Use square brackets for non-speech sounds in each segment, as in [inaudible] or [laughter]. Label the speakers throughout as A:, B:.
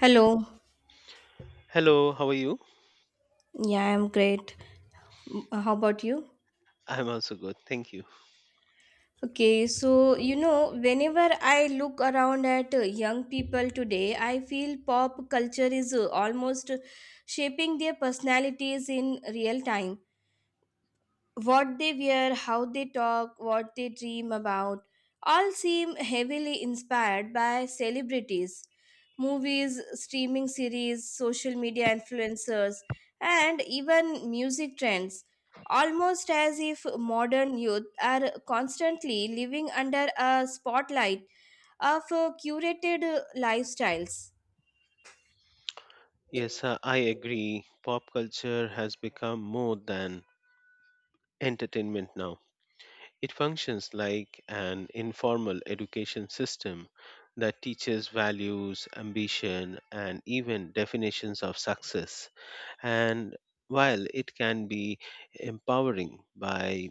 A: Hello.
B: Hello, how are you?
A: Yeah, I'm great. Mm, how about you?
B: I'm also good, thank you.
A: Whenever I look around at young people today, I feel pop culture is almost shaping their personalities in real time. What they wear, how they talk, what they dream about, all seem heavily inspired by celebrities, movies, streaming series, social media influencers, and even music trends. Almost as if modern youth are constantly living under a spotlight of curated lifestyles.
B: Yes, I agree. Pop culture has become more than entertainment now. It functions like an informal education system that teaches values, ambition, and even definitions of success. And while it can be empowering by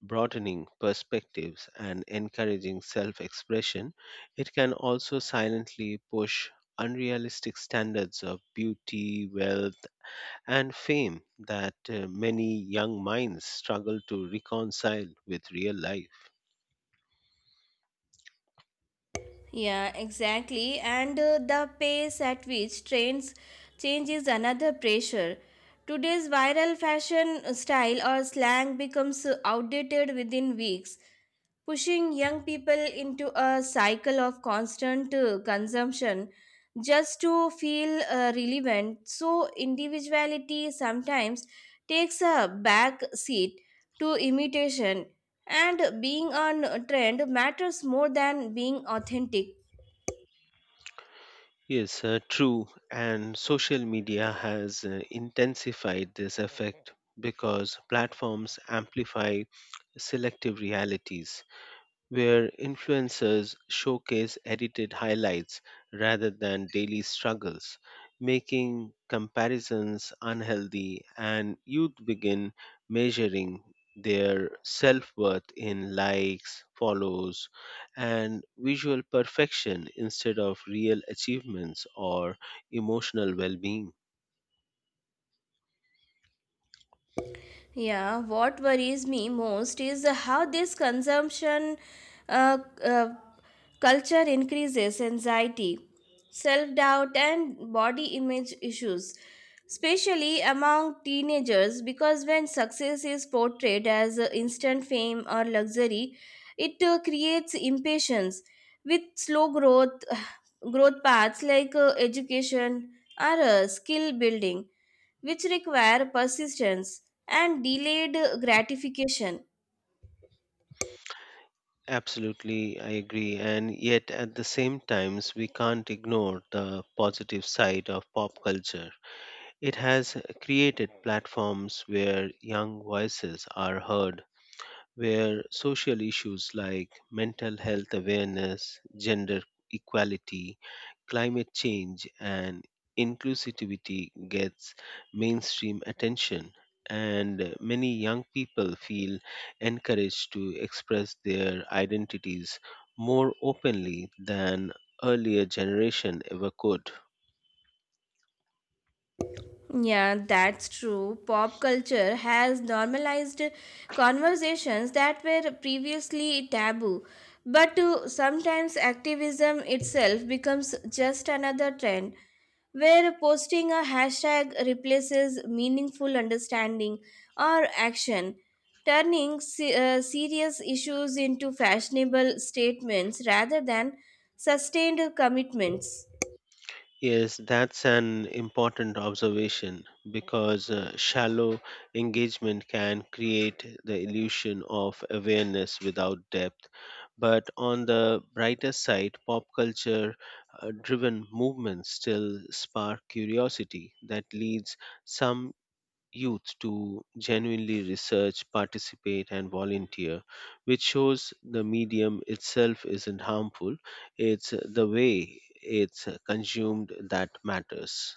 B: broadening perspectives and encouraging self expression, it can also silently push unrealistic standards of beauty, wealth, and fame that many young minds struggle to reconcile with real life.
A: Yeah, exactly. And The pace at which trends changes another pressure. Today's viral fashion style or slang becomes outdated within weeks, pushing young people into a cycle of constant consumption just to feel relevant. So, individuality sometimes takes a back seat to imitation, and being on trend matters more than being authentic.
B: Yes, true. And social media has intensified this effect because platforms amplify selective realities where influencers showcase edited highlights rather than daily struggles, making comparisons unhealthy, and youth begin measuring their self worth in likes, follows, and visual perfection instead of real achievements or emotional well being.
A: Yeah, what worries me most is how this consumption uh, uh, culture increases anxiety, self doubt, and body image issues, especially among teenagers. Because when success is portrayed as instant fame or luxury, it creates impatience with slow growth, [sighs] growth paths like education or skill building which require persistence and delayed gratification.
B: Absolutely, I agree. And yet, at the same times, we can't ignore the positive side of pop culture. It has created platforms where young voices are heard, where social issues like mental health awareness, gender equality, climate change, and inclusivity gets mainstream attention, and many young people feel encouraged to express their identities more openly than earlier generation ever could.
A: Yeah, that's true. Pop culture has normalized conversations that were previously taboo. But sometimes activism itself becomes just another trend where posting a hashtag replaces meaningful understanding or action, turning serious issues into fashionable statements rather than sustained commitments.
B: Yes, that's an important observation because shallow engagement can create the illusion of awareness without depth. But on the brighter side, pop culture driven movements still spark curiosity that leads some youth to genuinely research, participate, and volunteer, which shows the medium itself isn't harmful. It's the way it's consumed that matters.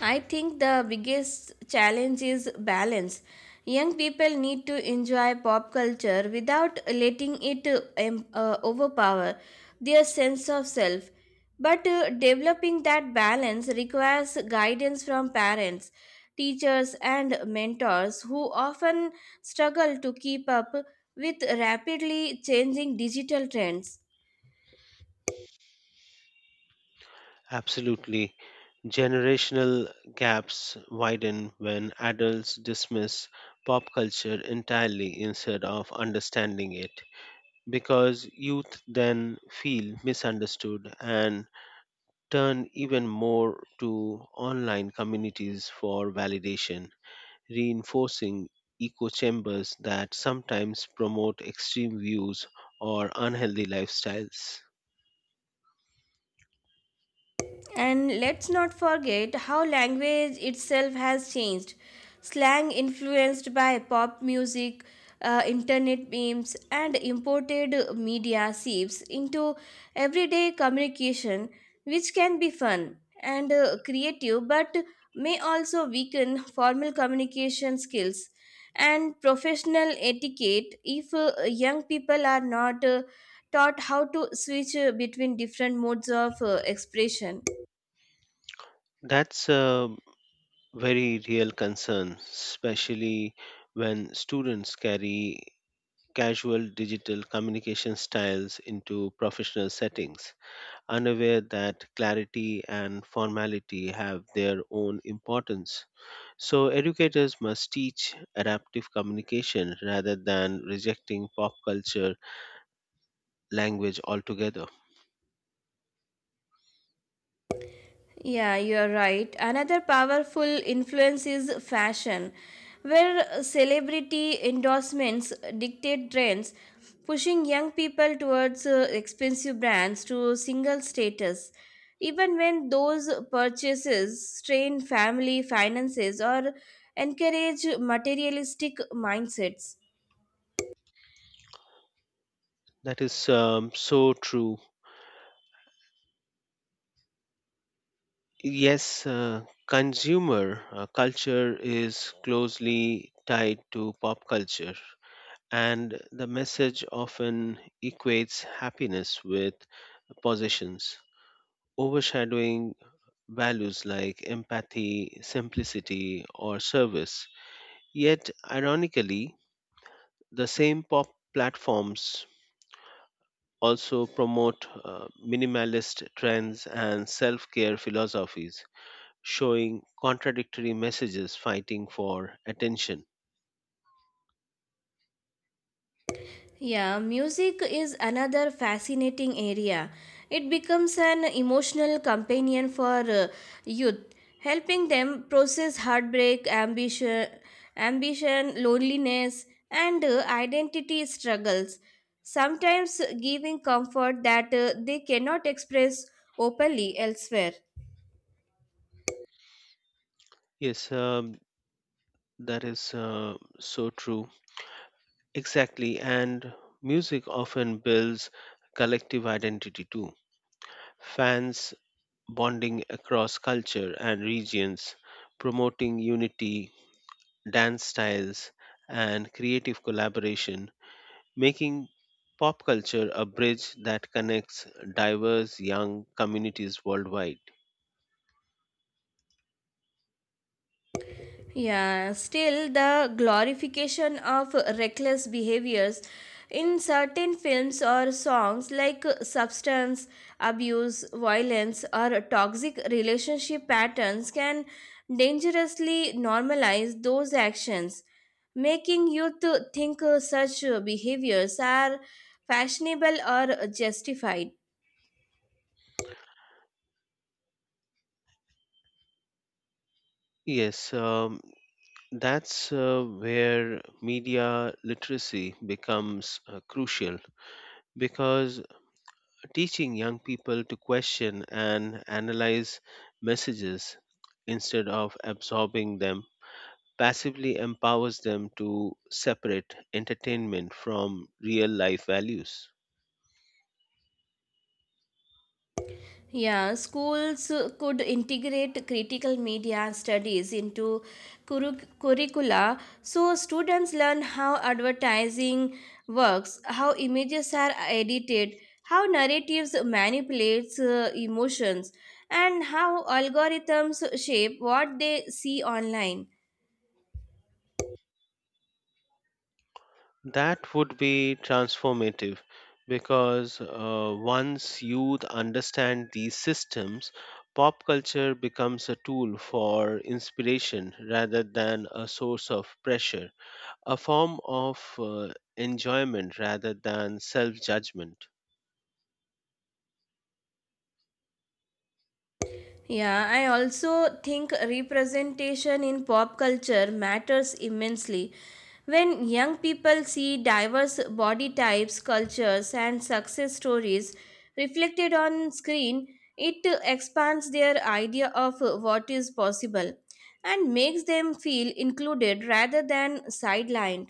A: I think the biggest challenge is balance. Young people need to enjoy pop culture without letting it overpower their sense of self. But developing that balance requires guidance from parents, teachers, and mentors who often struggle to keep up with rapidly changing digital trends.
B: Absolutely. Generational gaps widen when adults dismiss pop culture entirely instead of understanding it, because youth then feel misunderstood and turn even more to online communities for validation, reinforcing echo chambers that sometimes promote extreme views or unhealthy lifestyles.
A: And let's not forget how language itself has changed. Slang influenced by pop music, internet memes, and imported media seeps into everyday communication, which can be fun and creative but may also weaken formal communication skills and professional etiquette if young people are not taught how to switch between different modes of expression.
B: That's a very real concern, especially when students carry casual digital communication styles into professional settings, unaware that clarity and formality have their own importance. So, educators must teach adaptive communication rather than rejecting pop culture language altogether.
A: Yeah, you're right. Another powerful influence is fashion, where celebrity endorsements dictate trends, pushing young people towards expensive brands to single status. Even when those purchases strain family finances or encourage materialistic mindsets.
B: That is so true. Yes, consumer culture is closely tied to pop culture, and the message often equates happiness with possessions, overshadowing values like empathy, simplicity, or service. Yet, ironically, the same pop platforms also promote minimalist trends and self care philosophies, showing contradictory messages fighting for attention.
A: Yeah, music is another fascinating area. It becomes an emotional companion for youth, helping them process heartbreak, ambition, loneliness, and identity struggles, sometimes giving comfort that they cannot express openly elsewhere.
B: Yes, that is so true. Exactly. And music often builds collective identity too. Fans bonding across culture and regions, promoting unity, dance styles, and creative collaboration, making pop culture a bridge that connects diverse young communities worldwide.
A: Yeah, still the glorification of reckless behaviors in certain films or songs like substance abuse, violence, or toxic relationship patterns can dangerously normalize those actions, making youth think such behaviors are fashionable or justified.
B: Yes, that's where media literacy becomes crucial because teaching young people to question and analyze messages instead of absorbing them passively empowers them to separate entertainment from real life values.
A: Yeah, schools could integrate critical media studies into curricula so students learn how advertising works, how images are edited, how narratives manipulates emotions, and how algorithms shape what they see online.
B: That would be transformative because once youth understand these systems, pop culture becomes a tool for inspiration rather than a source of pressure, a form of enjoyment rather than self judgment.
A: Yeah, I also think representation in pop culture matters immensely. When young people see diverse body types, cultures, and success stories reflected on screen, it expands their idea of what is possible and makes them feel included rather than sidelined.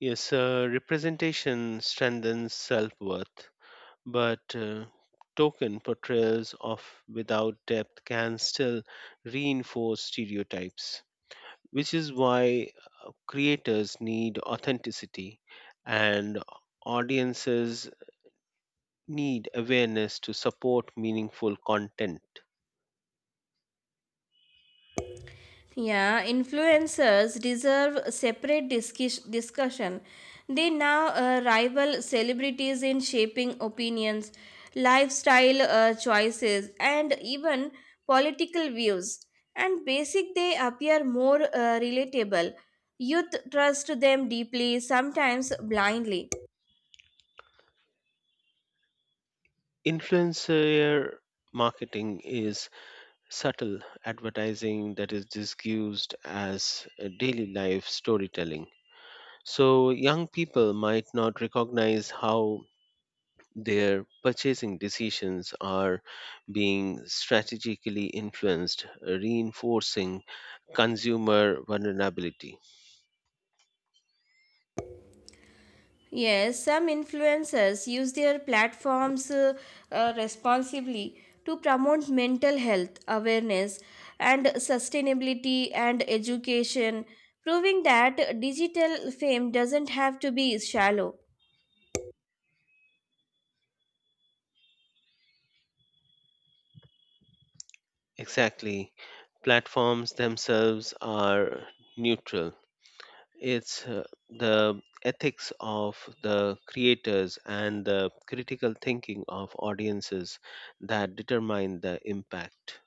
B: Yes, representation strengthens self worth, but token portrayals of without depth can still reinforce stereotypes, which is why creators need authenticity and audiences need awareness to support meaningful content.
A: Yeah, influencers deserve separate discussion. They now rival celebrities in shaping opinions, lifestyle choices, and even political views. And basic, they appear more relatable. Youth trust them deeply, sometimes blindly.
B: Influencer marketing is subtle advertising that is disguised as a daily life storytelling. So, young people might not recognize how their purchasing decisions are being strategically influenced, reinforcing consumer vulnerability.
A: Yes, some influencers use their platforms responsibly to promote mental health awareness and sustainability and education, proving that digital fame doesn't have to be shallow.
B: Exactly. Platforms themselves are neutral. It's the ethics of the creators and the critical thinking of audiences that determine the impact.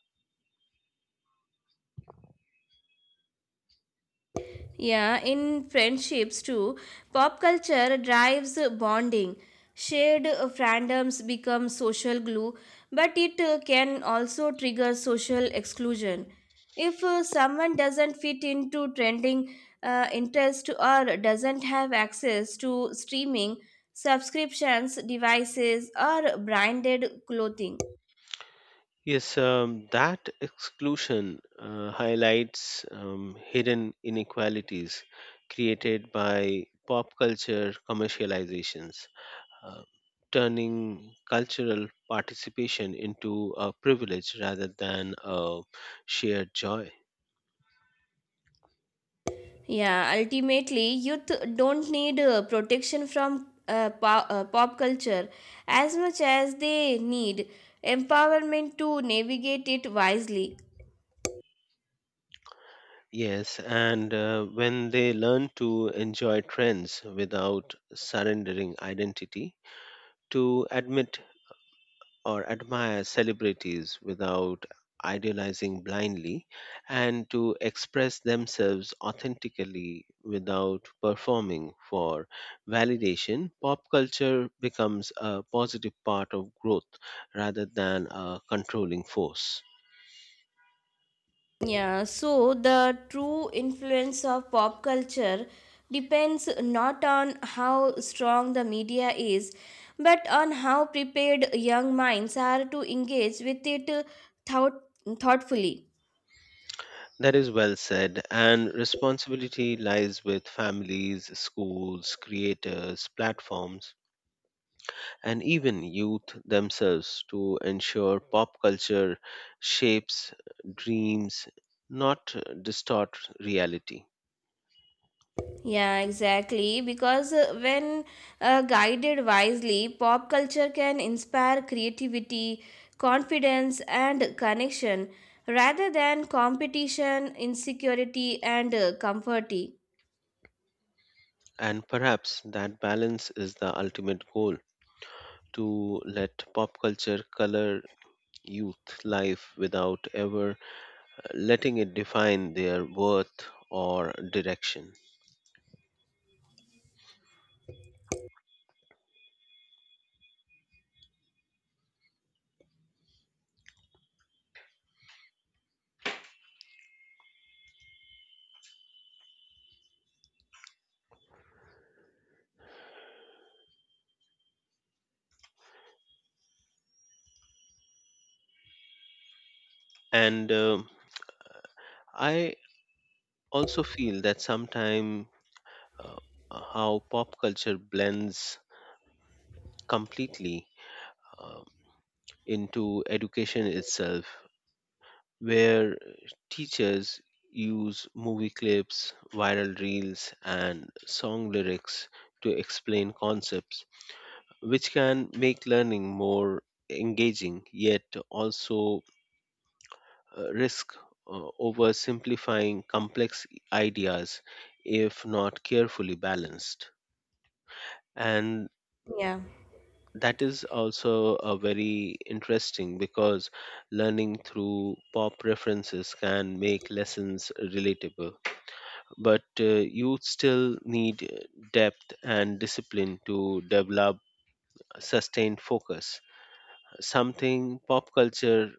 A: Yeah, in friendships too, pop culture drives bonding. Shared fandoms become social glue, but it can also trigger social exclusion. If someone doesn't fit into trending interest or doesn't have access to streaming, subscriptions, devices, or branded clothing,
B: Yes, that exclusion highlights hidden inequalities created by pop culture commercializations, uh, turning cultural participation into a privilege rather than a shared joy.
A: Yeah, ultimately, youth don't need protection from pop culture as much as they need empowerment to navigate it wisely.
B: Yes, and when they learn to enjoy trends without surrendering identity, to admit or admire celebrities without idealizing blindly, and to express themselves authentically without performing for validation, pop culture becomes a positive part of growth rather than a controlling force.
A: Yeah, so the true influence of pop culture depends not on how strong the media is, but on how prepared young minds are to engage with it thought- thoughtfully.
B: That is well said. And responsibility lies with families, schools, creators, platforms, and even youth themselves to ensure pop culture shapes dreams, not distort reality.
A: Yeah, exactly. Because when guided wisely, pop culture can inspire creativity, confidence, and connection rather than competition, insecurity, and comforty.
B: And perhaps that balance is the ultimate goal, to let pop culture color youth life without ever letting it define their worth or direction. And I also feel that sometimes uh, how pop culture blends completely uh, into education itself, where teachers use movie clips, viral reels, and song lyrics to explain concepts, which can make learning more engaging yet also risk oversimplifying complex ideas if not carefully balanced. And
A: Yeah.
B: that is also a very interesting because learning through pop references can make lessons relatable, but you still need depth and discipline to develop sustained focus, something pop culture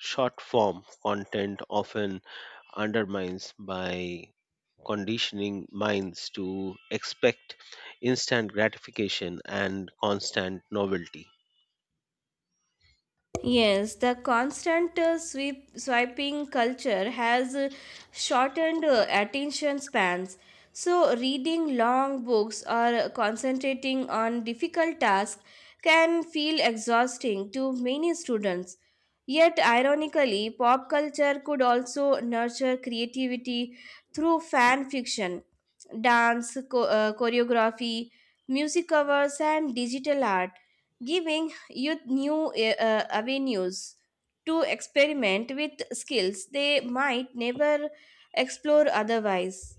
B: short form content often undermines by conditioning minds to expect instant gratification and constant novelty.
A: Yes, the constant swiping culture has shortened attention spans. So, reading long books or concentrating on difficult tasks can feel exhausting to many students. Yet, ironically, pop culture could also nurture creativity through fan fiction, dance, choreography, music covers, and digital art, giving youth new avenues to experiment with skills they might never explore otherwise.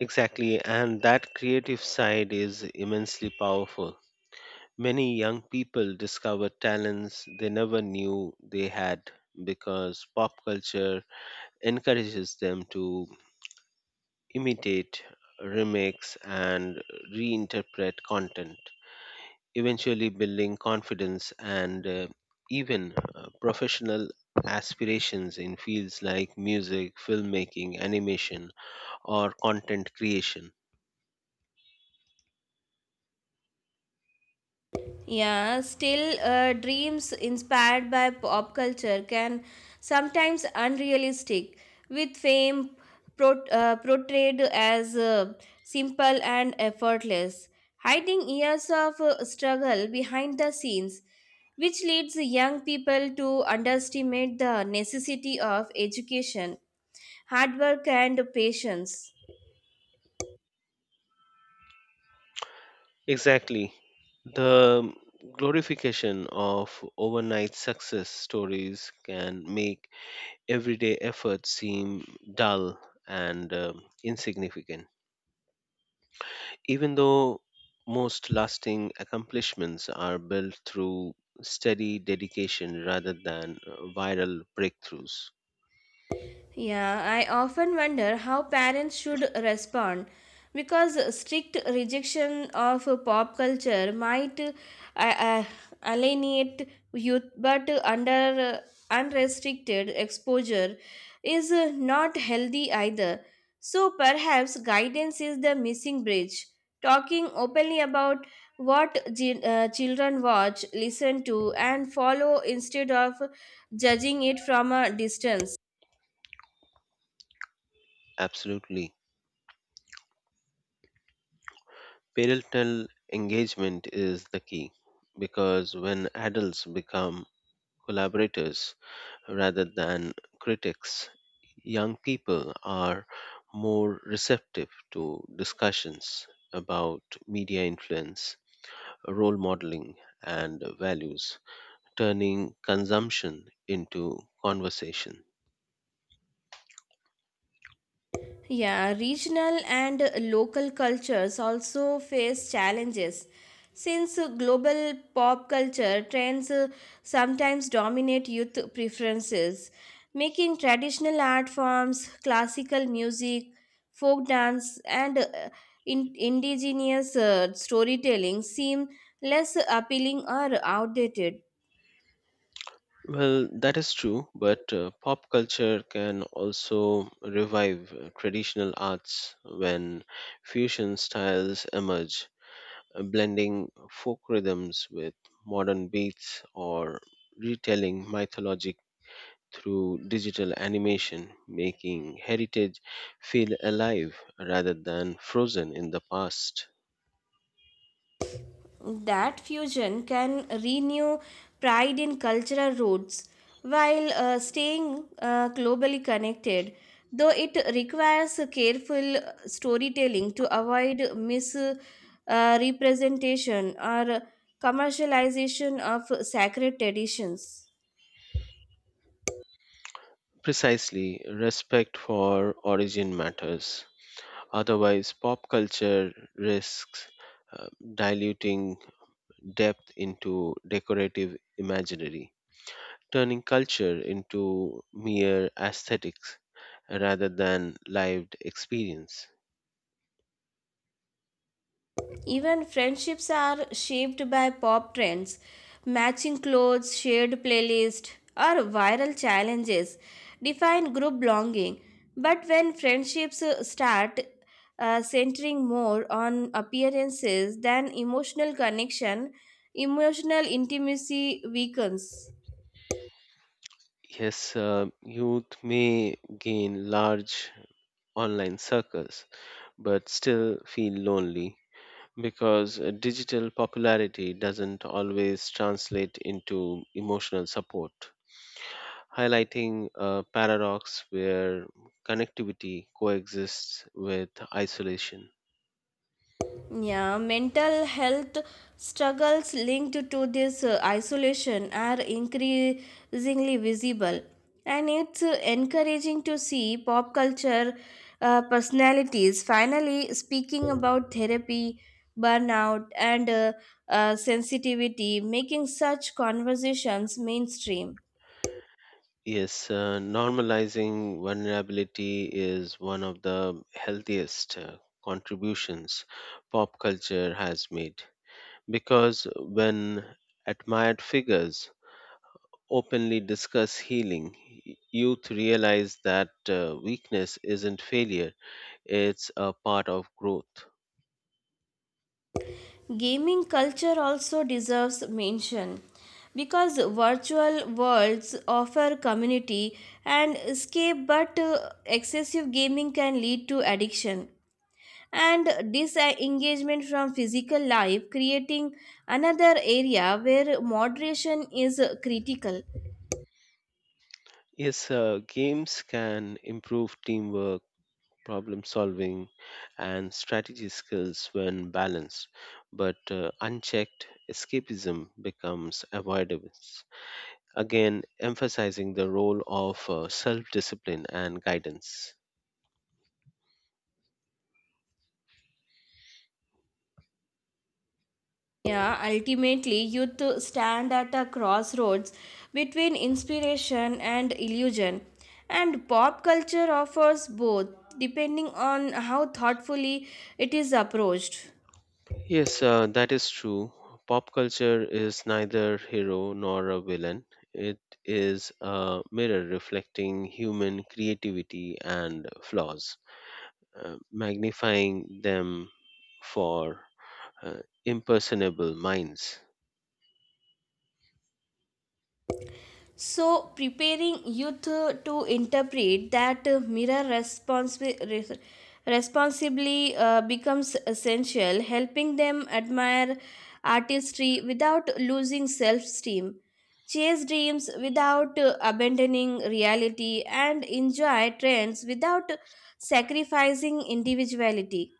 B: Exactly, and that creative side is immensely powerful. Many young people discover talents they never knew they had because pop culture encourages them to imitate, remix, and reinterpret content, eventually building confidence and even professional aspirations in fields like music, filmmaking, animation, or content creation.
A: Yeah, still, dreams inspired by pop culture can sometimes unrealistic, with fame portrayed as simple and effortless, hiding years of struggle behind the scenes, which leads young people to underestimate the necessity of education hard work and patience.
B: Exactly. The glorification of overnight success stories can make everyday efforts seem dull and insignificant, even though most lasting accomplishments are built through steady dedication rather than viral breakthroughs.
A: Yeah, I often wonder how parents should respond because strict rejection of pop culture might uh, alienate youth, but under unrestricted exposure is not healthy either. So perhaps guidance is the missing bridge. Talking openly about what children watch, listen to, and follow instead of judging it from a distance.
B: Absolutely. Parental engagement is the key because when adults become collaborators rather than critics, young people are more receptive to discussions about media influence, role modeling, and values, turning consumption into conversation.
A: Yeah, regional and local cultures also face challenges since global pop culture trends sometimes dominate youth preferences, making traditional art forms, classical music, folk dance, and indigenous storytelling seem less appealing or outdated.
B: Well, that is true, but pop culture can also revive traditional arts when fusion styles emerge, blending folk rhythms with modern beats or retelling mythologic through digital animation, making heritage feel alive rather than frozen in the past.
A: That fusion can renew pride in cultural roots while staying globally connected, though it requires careful storytelling to avoid misrepresentation or commercialization of sacred traditions.
B: Precisely, respect for origin matters. Otherwise, pop culture risks uh, diluting depth into decorative imaginary, turning culture into mere aesthetics rather than lived experience.
A: Even friendships are shaped by pop trends, matching clothes, shared playlists, or viral challenges define group belonging. But when friendships start centering more on appearances than emotional connection, emotional intimacy weakens.
B: Yes, youth may gain large online circles but still feel lonely because digital popularity doesn't always translate into emotional support, highlighting a paradox where connectivity coexists with isolation.
A: Yeah, mental health struggles linked to this isolation are increasingly visible, and it's encouraging to see pop culture personalities finally speaking about therapy, burnout, and sensitivity, making such conversations mainstream.
B: Yes, normalizing vulnerability is one of the healthiest contributions pop culture has made because when admired figures openly discuss healing, youth realize that weakness isn't failure, it's a part of growth.
A: Gaming culture also deserves mention because virtual worlds offer community and escape but excessive gaming can lead to addiction and disengagement from physical life creating another area where moderation is critical.
B: Yes, games can improve teamwork, problem solving, and strategy skills when balanced, but unchecked, escapism becomes avoidance. Again, emphasizing the role of self discipline and guidance.
A: Yeah, ultimately, youth stand at a crossroads between inspiration and illusion. And pop culture offers both, depending on how thoughtfully it is approached.
B: Yes, that is true. Pop culture is neither hero nor a villain. It is a mirror reflecting human creativity and flaws, magnifying them for uh, impersonable minds.
A: So, preparing youth to interpret that mirror responsibly becomes essential, helping them admire artistry without losing self esteem, chase dreams without abandoning reality, and enjoy trends without sacrificing individuality.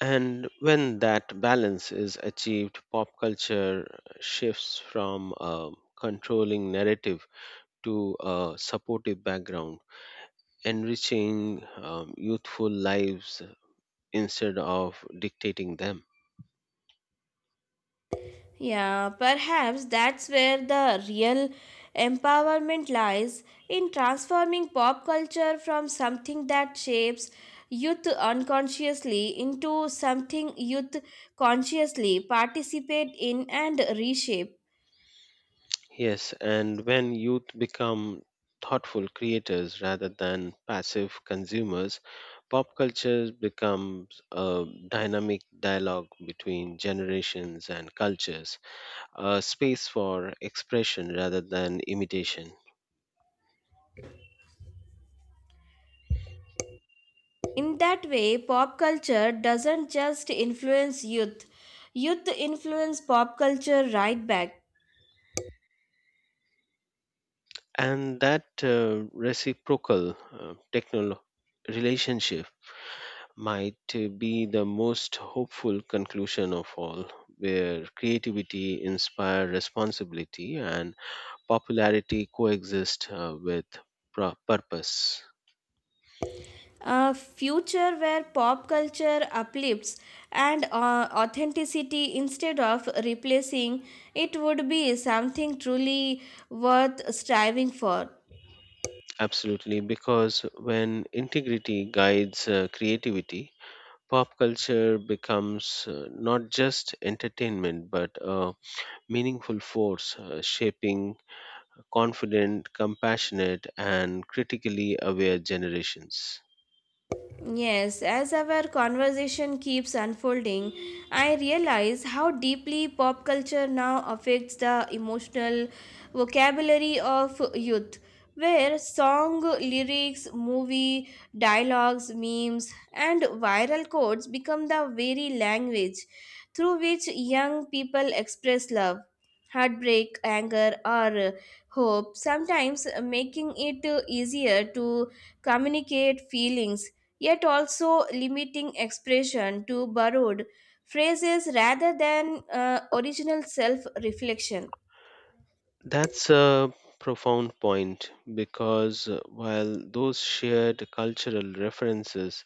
B: And when that balance is achieved, pop culture shifts from a controlling narrative to a supportive background, enriching youthful lives instead of dictating them.
A: Yeah, perhaps that's where the real empowerment lies in transforming pop culture from something that shapes youth unconsciously into something youth consciously participate in and reshape.
B: Yes, and when youth become thoughtful creators rather than passive consumers, pop culture becomes a dynamic dialogue between generations and cultures, a space for expression rather than imitation.
A: In that way, pop culture doesn't just influence youth, youth influence pop culture right back.
B: And that reciprocal relationship might be the most hopeful conclusion of all, where creativity inspires responsibility and popularity coexist with purpose.
A: A future where pop culture uplifts and authenticity instead of replacing it would be something truly worth striving for.
B: Absolutely, because when integrity guides creativity, pop culture becomes not just entertainment but a meaningful force shaping confident, compassionate, and critically aware generations.
A: Yes, as our conversation keeps unfolding, I realize how deeply pop culture now affects the emotional vocabulary of youth, where song lyrics, movie dialogues, memes, and viral quotes become the very language through which young people express love, heartbreak, anger, or hope, sometimes making it easier to communicate feelings yet also limiting expression to borrowed phrases rather than original self reflection.
B: That's a profound point because while those shared cultural references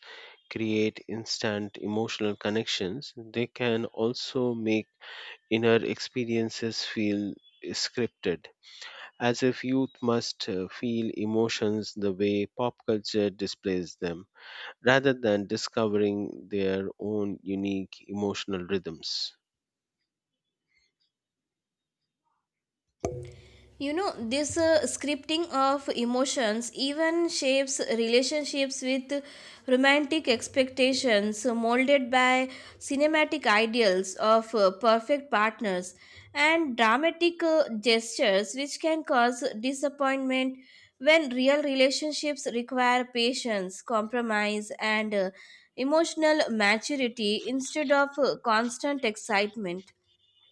B: create instant emotional connections, they can also make inner experiences feel scripted, as if youth must feel emotions the way pop culture displays them, rather than discovering their own unique emotional rhythms.
A: You know, this scripting of emotions even shapes relationships with romantic expectations molded by cinematic ideals of perfect partners and dramatic gestures, which can cause disappointment when real relationships require patience, compromise, and emotional maturity instead of constant excitement.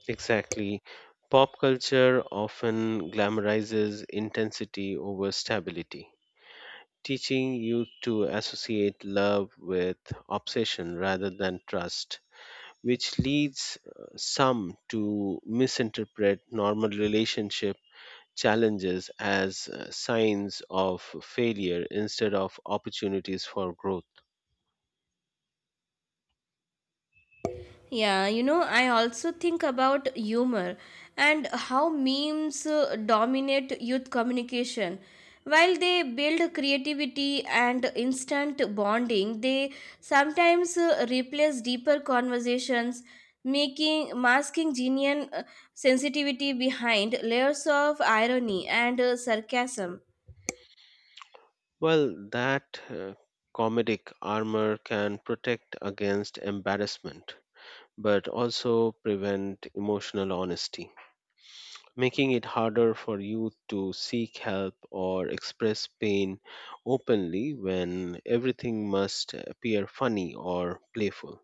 B: Exactly. Pop culture often glamorizes intensity over stability, teaching youth to associate love with obsession rather than trust, which leads some to misinterpret normal relationship challenges as signs of failure instead of opportunities for growth.
A: Yeah, you know, I also think about humor and how memes dominate youth communication. While they build creativity and instant bonding, they sometimes replace deeper conversations, making masking genuine sensitivity behind layers of irony and sarcasm.
B: Well, that comedic armor can protect against embarrassment but also prevent emotional honesty, making it harder for youth to seek help or express pain openly when everything must appear funny or playful.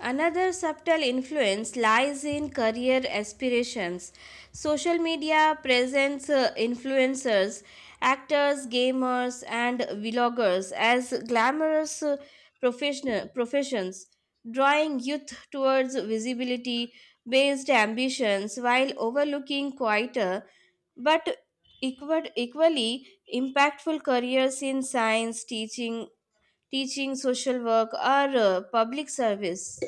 A: Another subtle influence lies in career aspirations. Social media presents influencers, actors, gamers, and vloggers as glamorous professions, drawing youth towards visibility based ambitions while overlooking quieter but equally impactful careers in science, teaching social work, or public service.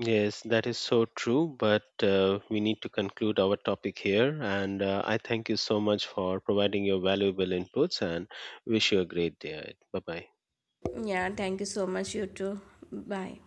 B: Yes, that is so true, but we need to conclude our topic here. And I thank you so much for providing your valuable inputs and wish you a great day. Bye bye.
A: Yeah, thank you so much, you too. Bye.